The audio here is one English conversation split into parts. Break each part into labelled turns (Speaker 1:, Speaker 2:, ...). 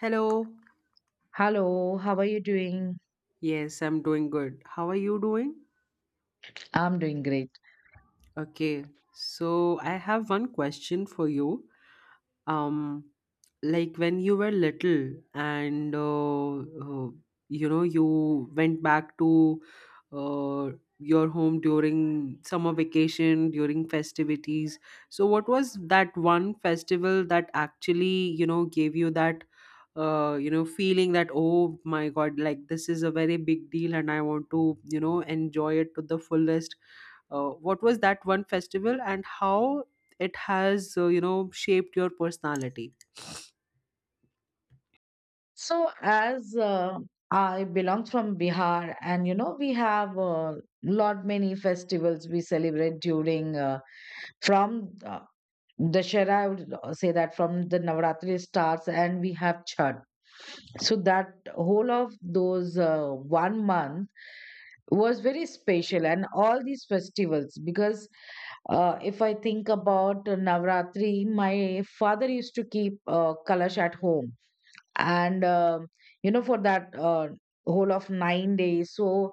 Speaker 1: Hello.
Speaker 2: Hello, how are you doing?
Speaker 1: Yes, I'm doing good. How are you doing?
Speaker 2: I'm doing great.
Speaker 1: Okay. So, I have one question for you. um like when you were little and you went back to uh, your home during summer vacation during festivities, so what was that one festival that actually, gave you that feeling that, oh my god, like this is a very big deal, and I want to, enjoy it to the fullest. What was that one festival, and how it has, shaped your personality?
Speaker 2: So, as I belong from Bihar, and you know, we have a lot many festivals we celebrate during from Dashera, I would say that from the Navratri starts, and we have Chhat. So, that whole of those 1 month was very special, and all these festivals because if I think about Navratri, my father used to keep kalash at home, and you know, for that whole of 9 days. So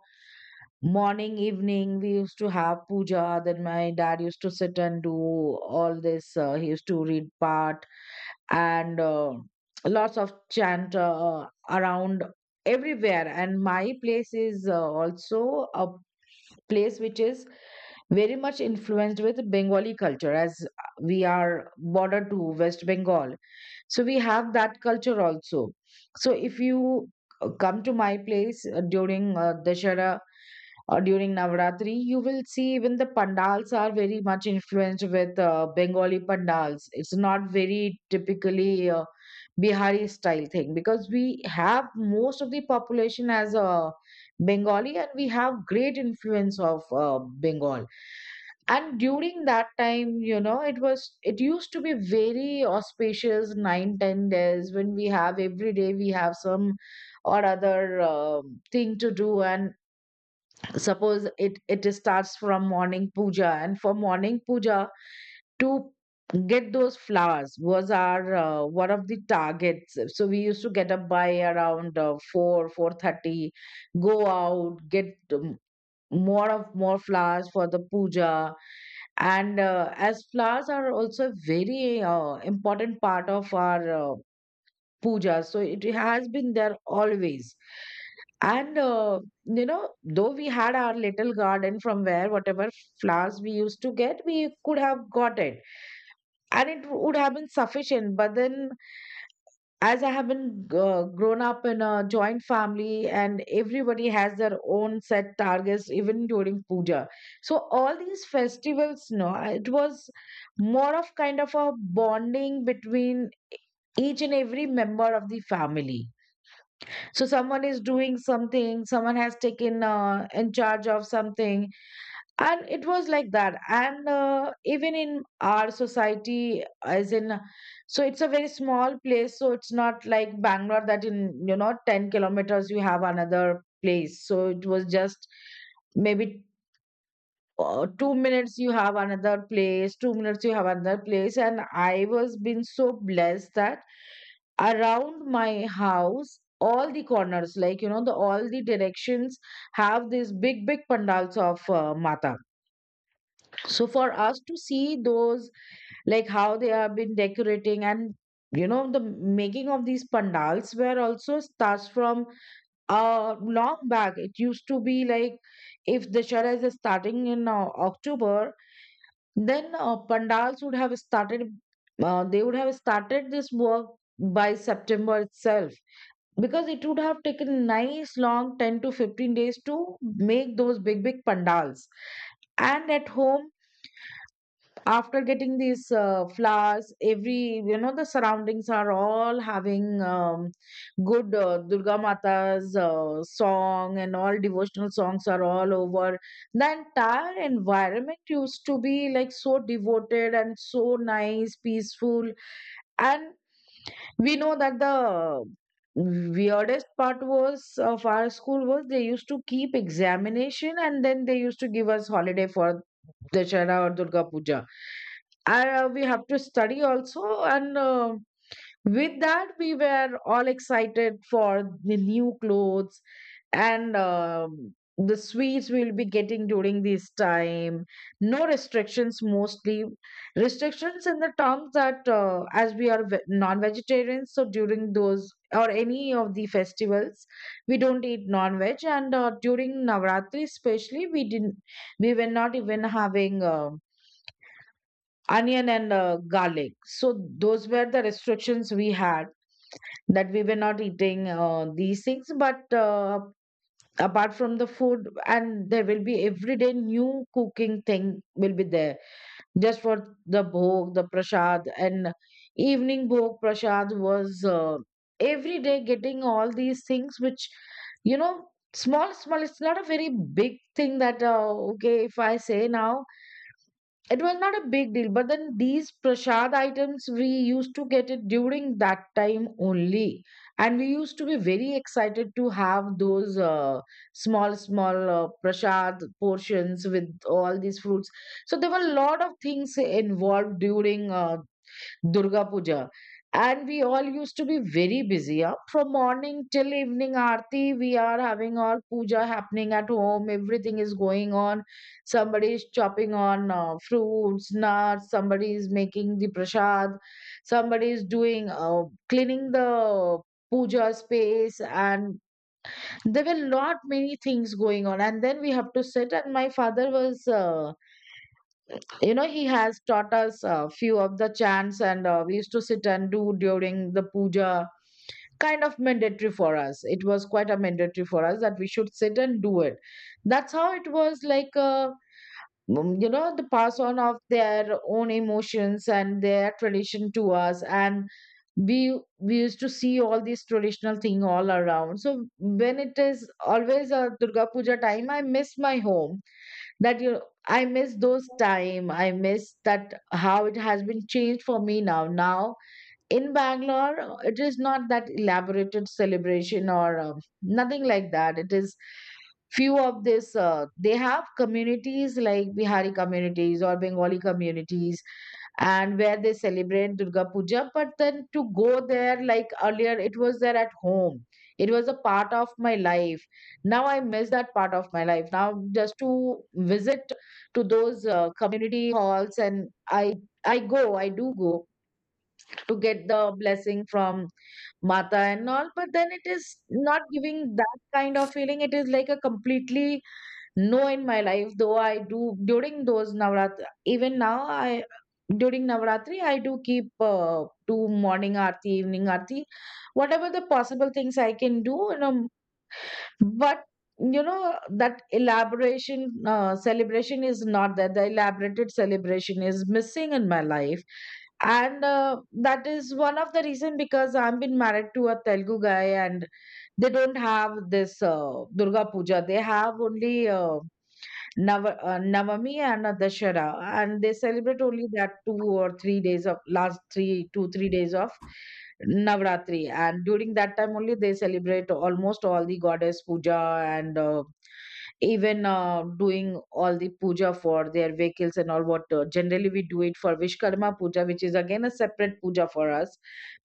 Speaker 2: morning evening we used to have puja, then my dad used to sit and do all this, he used to read part, and lots of chant around everywhere. And my place is also a place which is very much influenced with Bengali culture, as we are border to West Bengal. So we have that culture also. So if you come to my place during Dashara, during Navratri, you will see even the pandals are very much influenced with Bengali pandals. It's not very typically Bihari style thing, because we have most of the population as a Bengali, and we have great influence of Bengal. And during that time, you know, it used to be very auspicious 9 10 days, when we have every day we have some or other thing to do. And suppose it starts from morning puja, and for morning puja to get those flowers was our one of the targets. So we used to get up by around 4, 4:30, go out, get, more of more flowers for the puja. And as flowers are also a very important part of our puja, so it has been there always. And, you know, though we had our little garden from where whatever flowers we used to get, we could have got it, and it would have been sufficient. But then, as I have been grown up in a joint family, and everybody has their own set targets, even during puja. So all these festivals, no, it was more of kind of a bonding between each and every member of the family. So someone is doing something, someone has taken in charge of something, and it was like that. And even in our society, as in, so it's a very small place, so it's not like Bangalore that in, you know, 10 kilometers you have another place. So it was just maybe 2 minutes you have another place, 2 minutes you have another place. And I was been so blessed that around my house all the corners, like you know, the all the directions have these big big pandals of Mata. So for us to see those, like how they have been decorating, and you know, the making of these pandals were also starts from long back. It used to be like if the shara is starting in October, then pandals would have started, they would have started this work by September itself, because it would have taken nice long 10 to 15 days to make those big big pandals. And at home, after getting these flowers, every, you know, the surroundings are all having good Durga Mata's song, and all devotional songs are all over. The entire environment used to be like so devoted and so nice, peaceful. And we know that the weirdest part was of our school was they used to keep examination and then they used to give us holiday for Dashara or Durga Puja. And we have to study also, and with that, we were all excited for the new clothes and the sweets we'll be getting during this time. No restrictions, mostly. Restrictions in the terms that, as we are non vegetarians, so during those or any of the festivals, we don't eat non veg. And during Navratri, especially, we didn't, we were not even having onion and garlic. So those were the restrictions we had, that we were not eating these things. But apart from the food, and there will be everyday new cooking thing will be there, just for the bhog, the prasad. And evening bhog prasad was, every day getting all these things which, you know, small small, it's not a very big thing that, okay, if I say now, it was not a big deal, but then these prasad items we used to get it during that time only, and we used to be very excited to have those small small prasad portions with all these fruits. So there were a lot of things involved during Durga Puja. And we all used to be very busy. Huh? From morning till evening aarti, we are having our puja happening at home, everything is going on. Somebody is chopping on fruits, nuts. Somebody is making the prasad. Somebody is doing cleaning the puja space. And there were lot many things going on. And then we have to sit. And my father was. You know, he has taught us a few of the chants, and we used to sit and do during the puja. Kind of mandatory for us, it was quite a mandatory for us that we should sit and do it. That's how it was like, you know, the pass on of their own emotions and their tradition to us. And we we used to see all these traditional thing all around. So when it is always a Durga Puja time, I miss my home, that you, I miss those time, I miss that how it has been changed for me now. Now in Bangalore, it is not that elaborated celebration or nothing like that. It is few of this, they have communities like Bihari communities or Bengali communities, and where they celebrate Durga Puja. But then to go there, like earlier, it was there at home. It was a part of my life. Now I miss that part of my life. Now just to visit to those community halls, and I go, I do go to get the blessing from Mata and all. But then it is not giving that kind of feeling. It is like a completely no, in my life, though I do during those Navratri, even now, I, during Navratri, I do keep do morning aarti, evening aarti, whatever the possible things I can do, you know. But you know that elaboration celebration is not there. The elaborated celebration is missing in my life, and that is one of the reason, because I've been married to a Telugu guy, and they don't have this Durga Puja. They have only Navami and Dashera, and they celebrate only that 2 or 3 days of last 3 2 3 days of Navratri, and during that time only they celebrate almost all the goddess puja. And even doing all the puja for their vehicles and all. What generally we do it for Vishkarma puja, which is again a separate puja for us,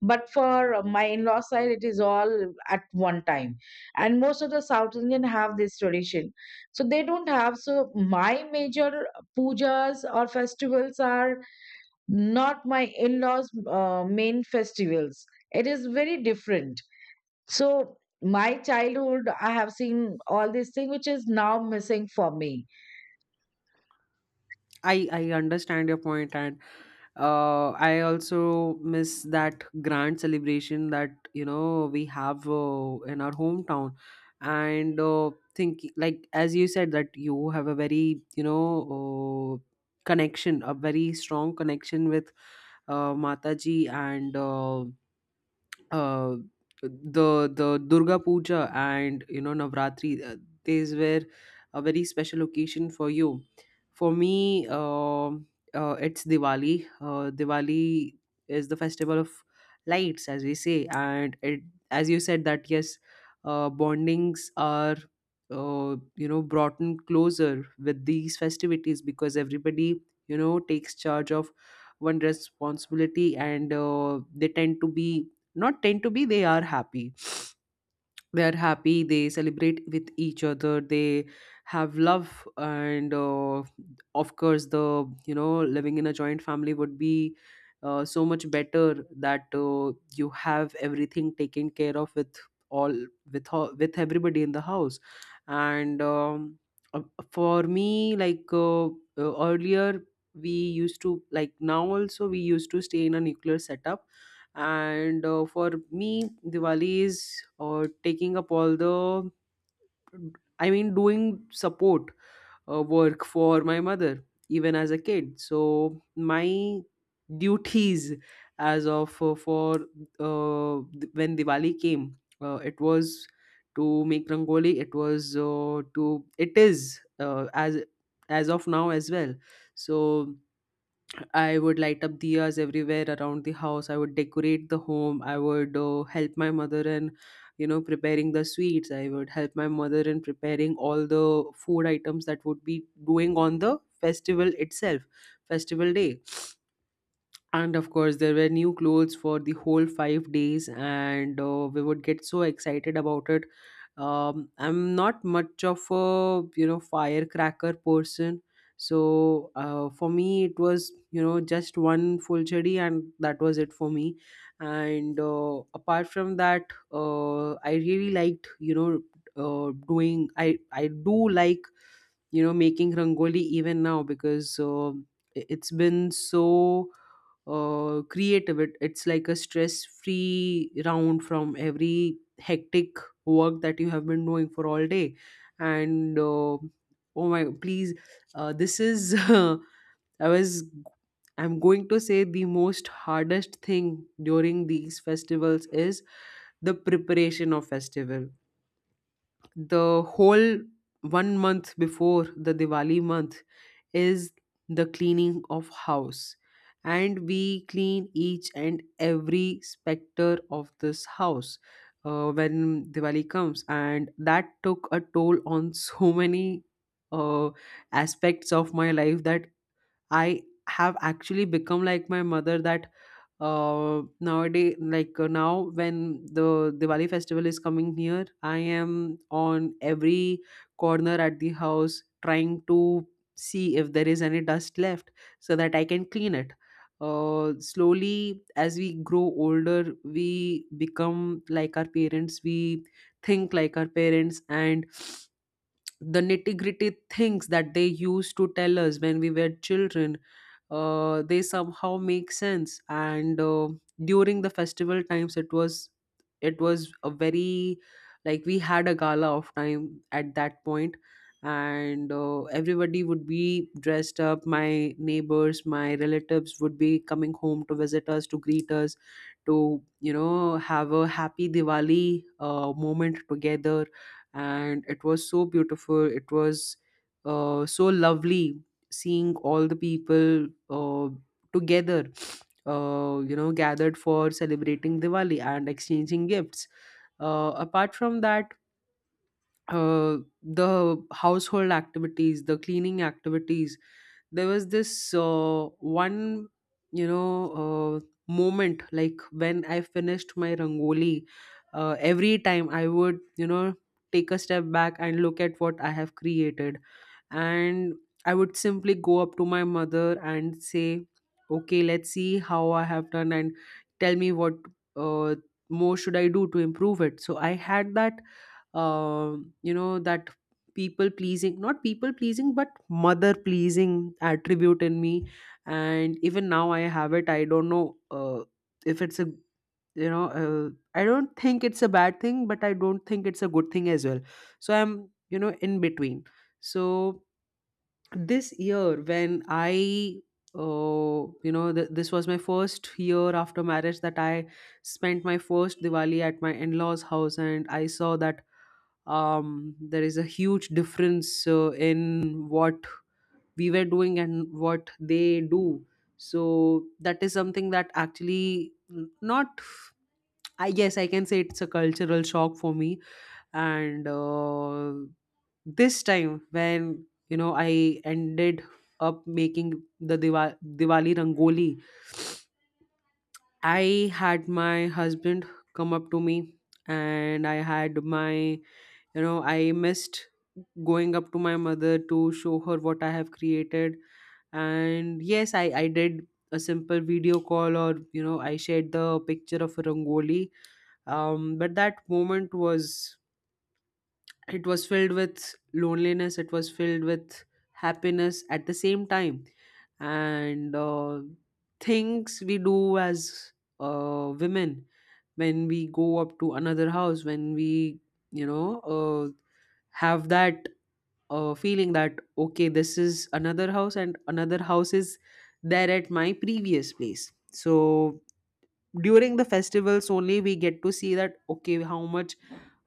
Speaker 2: but for my in-law side, it is all at one time, and most of the South Indian have this tradition, so they don't have so. My major pujas or festivals are not my in-laws main festivals. It is very different. So my childhood I have seen all these things, which is now missing for me.
Speaker 1: I understand your point, and I also miss that grand celebration that, we have in our hometown. And think, like, as you said, that you have a very, connection, a very strong connection with Mataji and uh, the Durga Puja, and, Navratri. These were a very special occasion for you. For me, it's Diwali. Diwali is the festival of lights, as we say, and it, as you said, that yes, bondings are brought in closer with these festivities, because everybody, takes charge of one responsibility, and they tend to be, not tend to be, they are happy. They are happy. They celebrate with each other, they have love. And of course, the, living in a joint family would be so much better, that you have everything taken care of, with all, with everybody in the house. And uh, for me, like earlier we used to, like, now also we used to stay in a nuclear setup. And for me, Diwali is taking up all the, I mean, doing support work for my mother, even as a kid. So my duties, as of for, when Diwali came, it was to make rangoli, it was, to it is, as of now as well. So I would light up diyas everywhere around the house. I would decorate the home. I would help my mother in, preparing the sweets. I would help my mother in preparing all the food items that would be doing on the festival itself, festival day. And of course, there were new clothes for the whole 5 days, and we would get so excited about it. I'm not much of a, firecracker person, so for me it was, just one full chadi, and that was it for me. And apart from that, I really liked, doing, I do like, making rangoli even now, because it's been so creative. It's like a stress free round from every hectic work that you have been doing for all day. And oh my, please, this is i was I'm going to say the most hardest thing during these festivals is the preparation of festival. The whole one month before the Diwali month is the cleaning of house, and we clean each and every specter of this house when Diwali comes, and that took a toll on so many uh, aspects of my life, that I have actually become like my mother, that nowadays, like, now when the Diwali festival is coming near, I am on every corner at the house trying to see if there is any dust left, so that I can clean it. Slowly, as we grow older, we become like our parents, we think like our parents, and the nitty gritty things that they used to tell us when we were children, they somehow make sense. And during the festival times, it was, a very, like, we had a gala of time at that point. And everybody would be dressed up, my neighbors, my relatives would be coming home to visit us, to greet us, to, have a happy Diwali moment together. And it was so beautiful, it was so lovely, seeing all the people together, gathered for celebrating Diwali and exchanging gifts. Apart from that, the household activities, the cleaning activities, there was this one, you know, uh, moment, like when I finished my rangoli, every time I would, take a step back and look at what I have created. And I would simply go up to my mother and say, okay, let's see how I have done, and tell me what, uh, more should I do to improve it. So I had that that people pleasing, not people pleasing, but mother pleasing attribute in me, and even now I have it. I don't know, if it's a, you know uh, I don't think it's a bad thing, but I don't think it's a good thing as well. So I'm, in between. So this year when I, this was my first year after marriage that I spent my first Diwali at my in-laws house, and I saw that there is a huge difference in what we were doing and what they do. So that is something that, actually, not, I guess I can say it's a cultural shock for me. And this time when, I ended up making the Diwali rangoli, I had my husband come up to me, and I had my, I missed going up to my mother to show her what I have created. And yes, I did a simple video call, or, I shared the picture of a rangoli. But that moment was, it was filled with loneliness, it was filled with happiness at the same time. And things we do as women, when we go up to another house, when we, you know uh, have that feeling that, okay, this is another house, and another house is there at my previous place. So during the festivals only we get to see that, okay, how much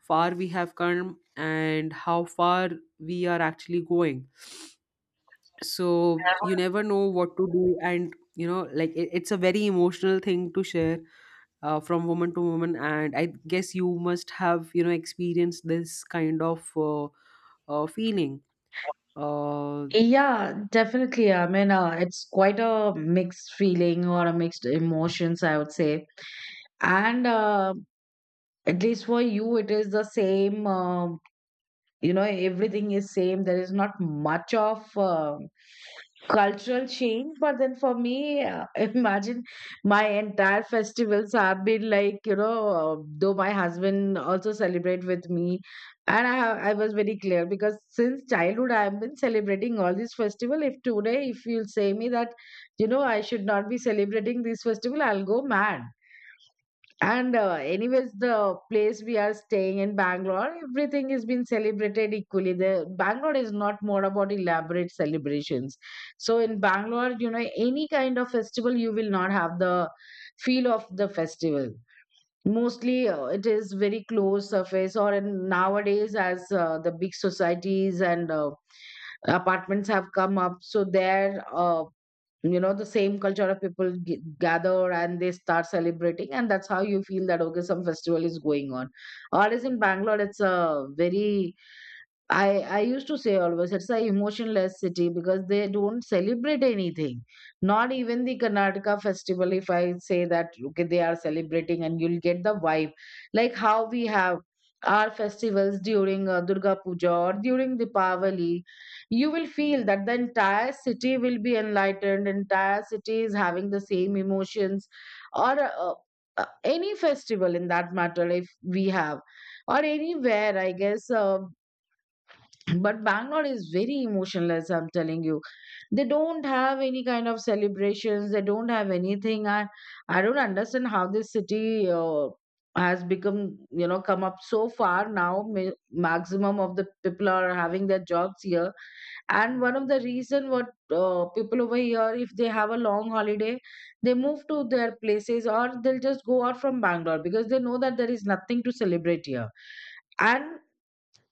Speaker 1: far we have come, and how far we are actually going. So you never know what to do, and, like it's a very emotional thing to share, from woman to woman. And I guess you must have, experienced this kind of feeling. uh,
Speaker 2: Yeah, definitely. I mean, it's quite a mixed feeling or a mixed emotions, I would say. And at least for you, it is the same. You know, everything is same, there is not much of cultural change. But then for me, imagine my entire festivals have been like, you know, though my husband also celebrate with me. And I have, I was very clear, because since childhood I have been celebrating all these festival. If today if you'll say me that, you know, I should not be celebrating this festival, I'll go mad. And anyways, the place we are staying in Bangalore, everything has been celebrated equally. The Bangalore is not more about elaborate celebrations. So in Bangalore, you know, any kind of festival, you will not have the feel of the festival. Mostly, it is very closed surface. Or in, nowadays, as the big societies and apartments have come up, so there. You know, the same culture of people gather and they start celebrating, and that's how you feel that okay, some festival is going on. Or as in Bangalore, it's a very, I used to say always, it's a emotionless city, because they don't celebrate anything. Not even the Karnataka festival. If I say that okay, they are celebrating, and you'll get the vibe, like how we have our festivals during Durga Puja or during Deepavali, you will feel that the entire city will be enlightened. Entire city is having the same emotions, or any festival in that matter. If we have or anywhere, I guess. But Bangalore is very emotional, as I'm telling you. They don't have any kind of celebrations. They don't have anything. I don't understand how this city has become, you know, come up so far now. Maximum of the people are having their jobs here, and one of the reason what people over here, if they have a long holiday, they move to their places or they'll just go out from Bangalore because they know that there is nothing to celebrate here. And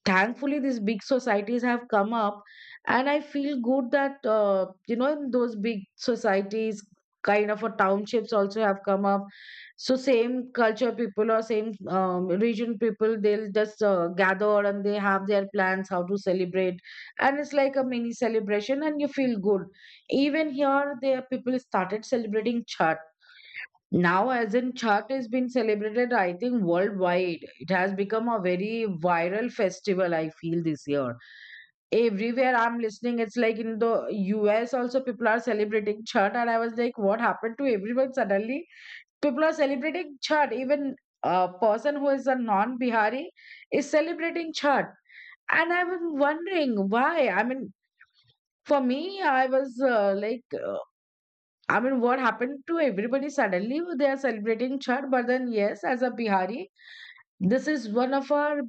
Speaker 2: thankfully these big societies have come up, and I feel good that you know, in those big societies, kind of a townships also have come up. So same culture people or same region people, they'll just gather and they have their plans how to celebrate, and it's like a mini celebration and you feel good. Even here there people started celebrating chat now, as in Chhat has been celebrated, I think, worldwide. It has become a very viral festival, I feel, this year. Everywhere I'm listening, it's like in the US also, people are celebrating Chhat. And I was like, what happened to everyone suddenly? People are celebrating Chhat. Even a person who is a non Bihari is celebrating Chhat. And I was wondering why. I mean, for me, I was I mean, what happened to everybody suddenly? They are celebrating Chhat, but then yes, as a Bihari, this is one of our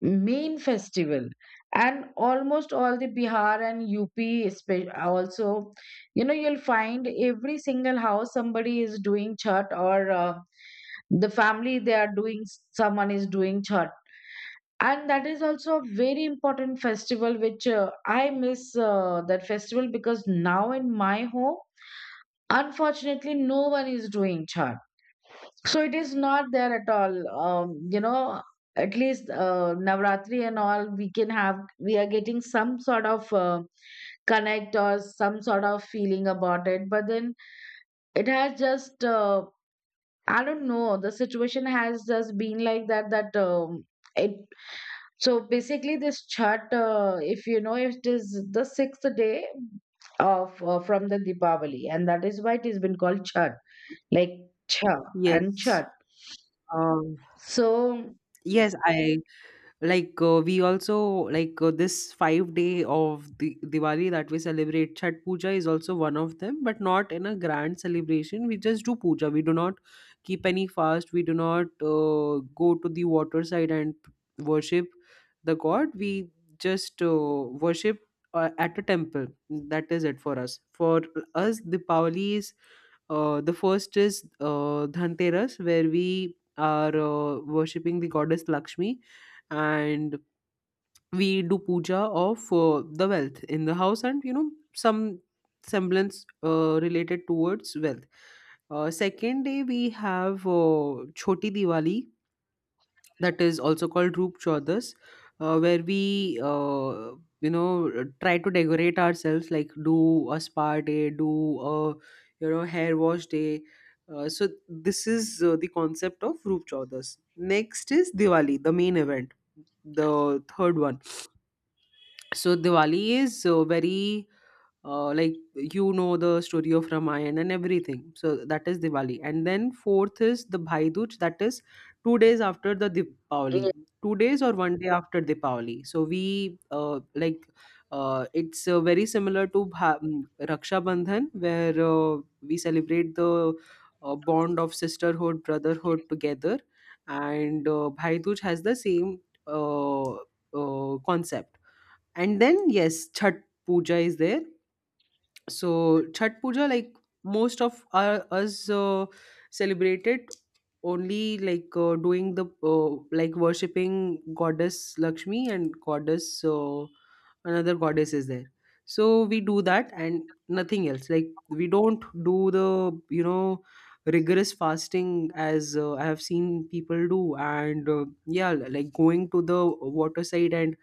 Speaker 2: main festival, and almost all the Bihar and UP, also, you know, you'll find every single house somebody is doing Chhat or the family they are doing, someone is doing Chhat. And that is also a very important festival, which I miss that festival because now in my home, unfortunately, no one is doing chhat. So it is not there at all. You know, at least Navratri and all, we can have, we are getting some sort of connect or some sort of feeling about it. But then it has just, I don't know, the situation has just been like that, that it, so basically this chhat, if you know, it is the sixth day of from the Deepavali, and that is why it has been called Chhat, like cha and
Speaker 1: yes.
Speaker 2: chat.
Speaker 1: um,
Speaker 2: So
Speaker 1: yes, I, like, we also, like, this 5 day of the Diwali that we celebrate, chat puja is also one of them, but not in a grand celebration. We just do puja, we do not keep any fast, we do not go to the water side and worship the god. We just worship at a temple. That is it for us. For us, Diwali is, the first is Dhanteras, where we are worshipping the goddess Lakshmi, and we do puja of the wealth in the house, and, some semblance related towards wealth. Second day we have choti Diwali, that is also called Roop Chaudas, where we, you know, try to decorate ourselves, like do a spa day, do a, hair wash day. So this is the concept of Roop Chaudas. Next is Diwali, the main event, the third one. So Diwali is very, like, the story of Ramayana and everything. So that is Diwali, and then fourth is the Bhai Dooj. That is 2 days after the
Speaker 2: yeah,
Speaker 1: Diwali, 2 days or one day after Diwali. So we, like, it's very similar to Raksha Bandhan, where we celebrate the bond of sisterhood, brotherhood together, and Bhai Dooj has the same uh, concept. And then yes, chhat puja is there. So Chhat Puja, like most of our, us celebrate it only, like doing the, like worshipping goddess Lakshmi and goddess, another goddess is there. So we do that and nothing else. Like we don't do the, rigorous fasting, as I have seen people do. And yeah, like going to the water side, and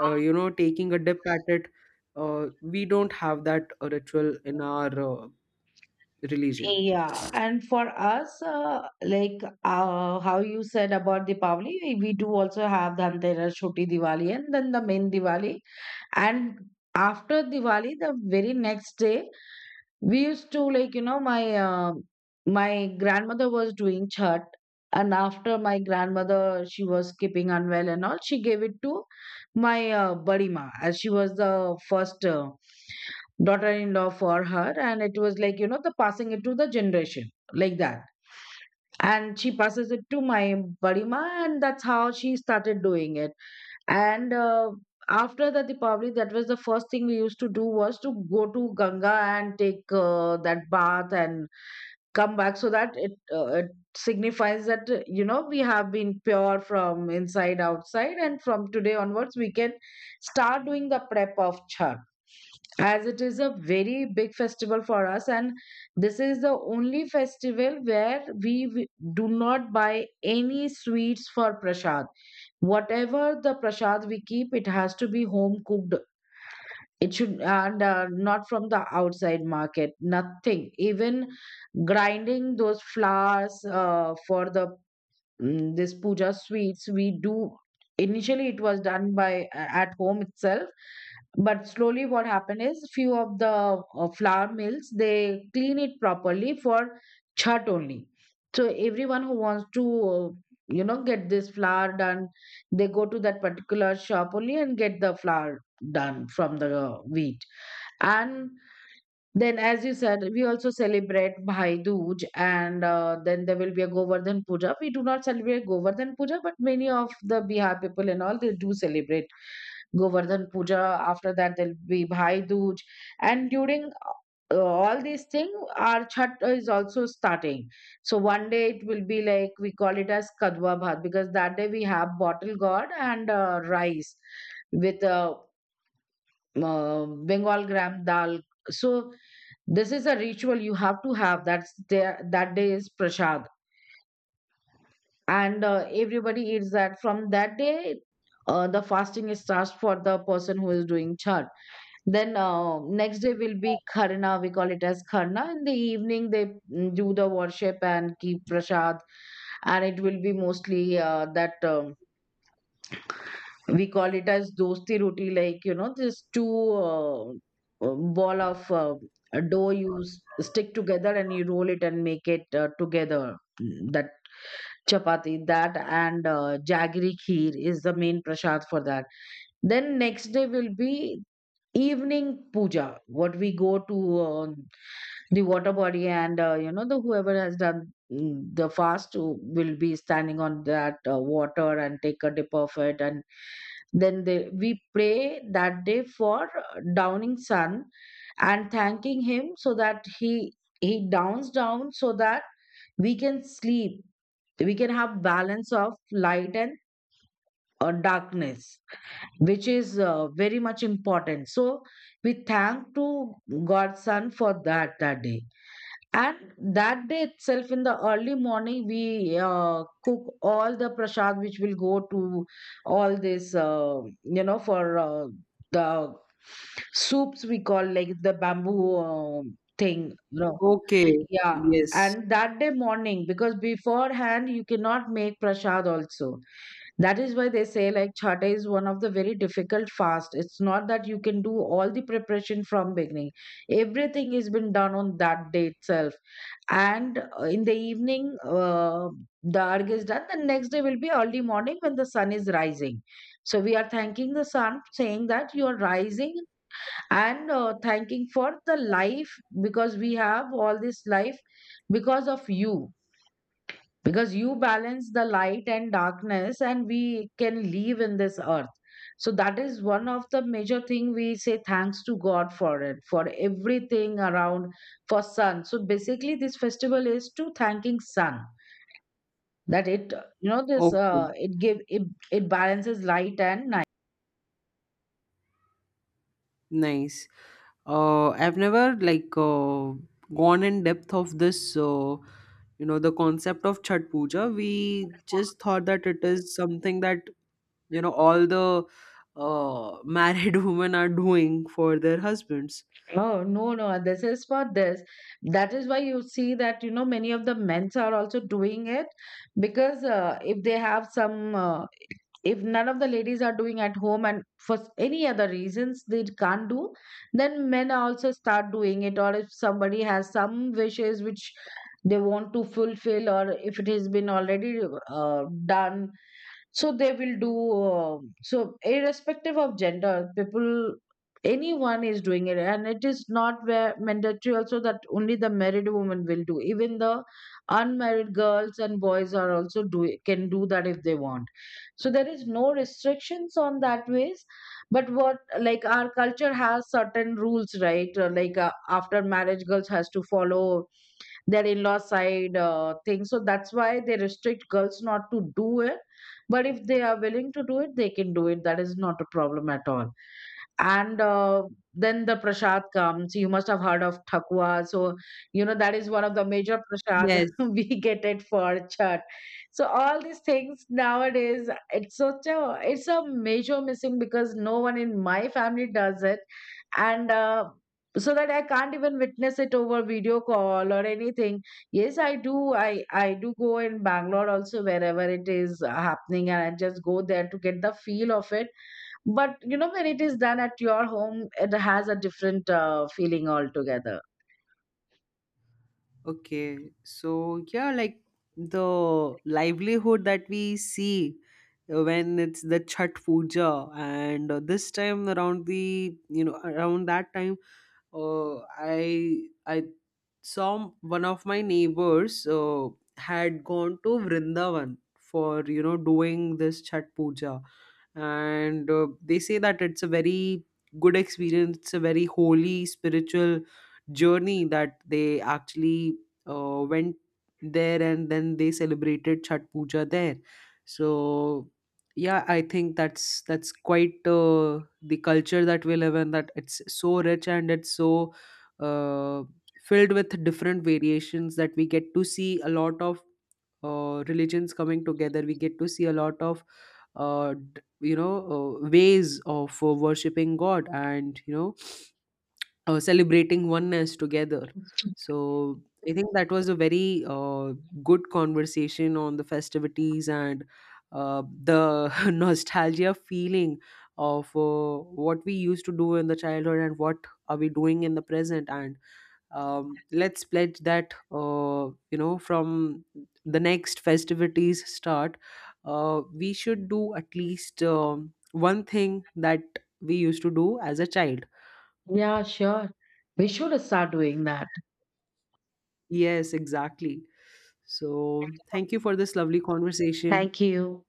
Speaker 1: taking a dip at it. We don't have that ritual in our religion.
Speaker 2: yeah. And for us, how you said about Deepavali, we do also have Dhanteras, Choti Diwali, and then the main Diwali. And after Diwali, the very next day, we used to, like you know, my my grandmother was doing chhat, and after my grandmother she was keeping unwell and all, she gave it to my buddy ma, as she was the first daughter-in-law for her, and it was like you know the passing it to the generation like that. And she passes it to my buddy ma, and that's how she started doing it. And after that Deepavali, that was the first thing we used to do was to go to Ganga and take that bath and come back, so that it it signifies that you know, we have been pure from inside outside, and from today onwards we can start doing the prep of Chhat, as it is a very big festival for us. And this is the only festival where do not buy any sweets for prasad. Whatever the prasad we keep, it has to be home cooked. It should, and not from the outside market, nothing. Even grinding those flowers for the this puja sweets we do, initially it was done by at home itself. But slowly what happened is few of the flour mills, they clean it properly for chhat only. So everyone who wants to uh, you know, get this flour done, they go to that particular shop only and get the flour done from the wheat. And then, as you said, we also celebrate bhai dooj, and then there will be a govardhan puja. We do not celebrate govardhan puja, but many of the bihar people and all, they do celebrate Govardhan Puja. After that, there'll be Bhai Dooj, and during all these things, our Chhat is also starting. So one day it will be like we call it as Kadwa Bhat, because that day we have bottle gourd and rice with Bengal gram dal. So this is a ritual you have to have. That's there. That day is prasad, and everybody eats that. From that day, the fasting starts for the person who is doing chhat. Then next day will be Kharna. We call it as Kharna. In the evening, they do the worship and keep prasad, and it will be mostly that we call it as dosti roti, like you know, this two ball of dough stick together and you roll it and make it together. That chapati, that and jaggery kheer is the main prasad for that. Then next day will be evening puja, what we go to the water body and you know, the whoever has done the fast who will be standing on that water and take a dip of it. And we pray that day for downing sun and thanking him, so that he downs down so that we can sleep, we can have balance of light and darkness, which is very much important. So we thank to God's Son for that, that day. And that day itself, in the early morning, we cook all the prasad which will go to all this, you know, for the soups, we call like the bamboo thing, you know,
Speaker 1: Okay.
Speaker 2: yeah,
Speaker 1: Yes.
Speaker 2: and that day morning, because beforehand you cannot make prasad also. That is why they say like chhata is one of the very difficult fast. It's not that you can do all the preparation from beginning. Everything has been done on that day itself. And in the evening, the arg is done. The next day will be early morning when the sun is rising. So we are thanking the sun, saying that you are rising and thanking for the life, because we have all this life because of you, because you balance the light and darkness and we can live in this earth. So that is one of the major thing we say thanks to god for it, for everything around, for sun. So basically this festival is to thanking sun, that it you know, this
Speaker 1: Okay.
Speaker 2: it give it, it balances light and night.
Speaker 1: Nice. I've never, like, gone in depth of this. The concept of Chhat Puja. We just thought that it is something that, all the married women are doing for their husbands.
Speaker 2: Oh, no, no, this is for this. That is why you see that, you know, many of the men's are also doing it, because if they have some, if none of the ladies are doing at home and for any other reasons they can't do, then men also start doing it. Or if somebody has some wishes which they want to fulfill, or if it has been already done, so they will do. So irrespective of gender people, anyone is doing it, and it is not where mandatory also that only the married woman will do. Even the unmarried girls and boys are also do, can do that if they want. So there is no restrictions on that ways. But what, like our culture has certain rules, right? After marriage girls has to follow their in-law side thing, so that's why they restrict girls not to do it. But if they are willing to do it, they can do it. That is not a problem at all. And then the prasad comes, you must have heard of thakwa. So you know, that is one of the major prasad
Speaker 1: Yes.
Speaker 2: we get it for chat. So all these things nowadays, it's such a, it's a major missing because no one in my family does it. And so that I can't even witness it over video call or anything. Yes, I do, I do go in bangalore also wherever it is happening, and I just go there to get the feel of it. But you know, when it is done at your home, it has a different feeling altogether.
Speaker 1: Okay, so yeah, like the livelihood that we see when it's the Chhat Puja, and this time around the, around that time, I saw one of my neighbors had gone to Vrindavan for, doing this Chhat Puja, and they say that it's a very good experience. It's a very holy spiritual journey that they actually went there, and then they celebrated Chhat Puja there. So yeah, I think that's quite the culture that we live in, that it's so rich and it's so uh, filled with different variations, that we get to see a lot of religions coming together, we get to see a lot of, uh, d- you know ways of worshipping god, and, celebrating oneness together. So I think that was a very good conversation on the festivities, and the nostalgia feeling of what we used to do in the childhood, and what are we doing in the present. And let's pledge that, from the next festivities start, we should do at least one thing that we used to do as a child.
Speaker 2: Yeah, sure. We should start doing that.
Speaker 1: Yes, exactly. So, thank you for this lovely conversation.
Speaker 2: Thank you.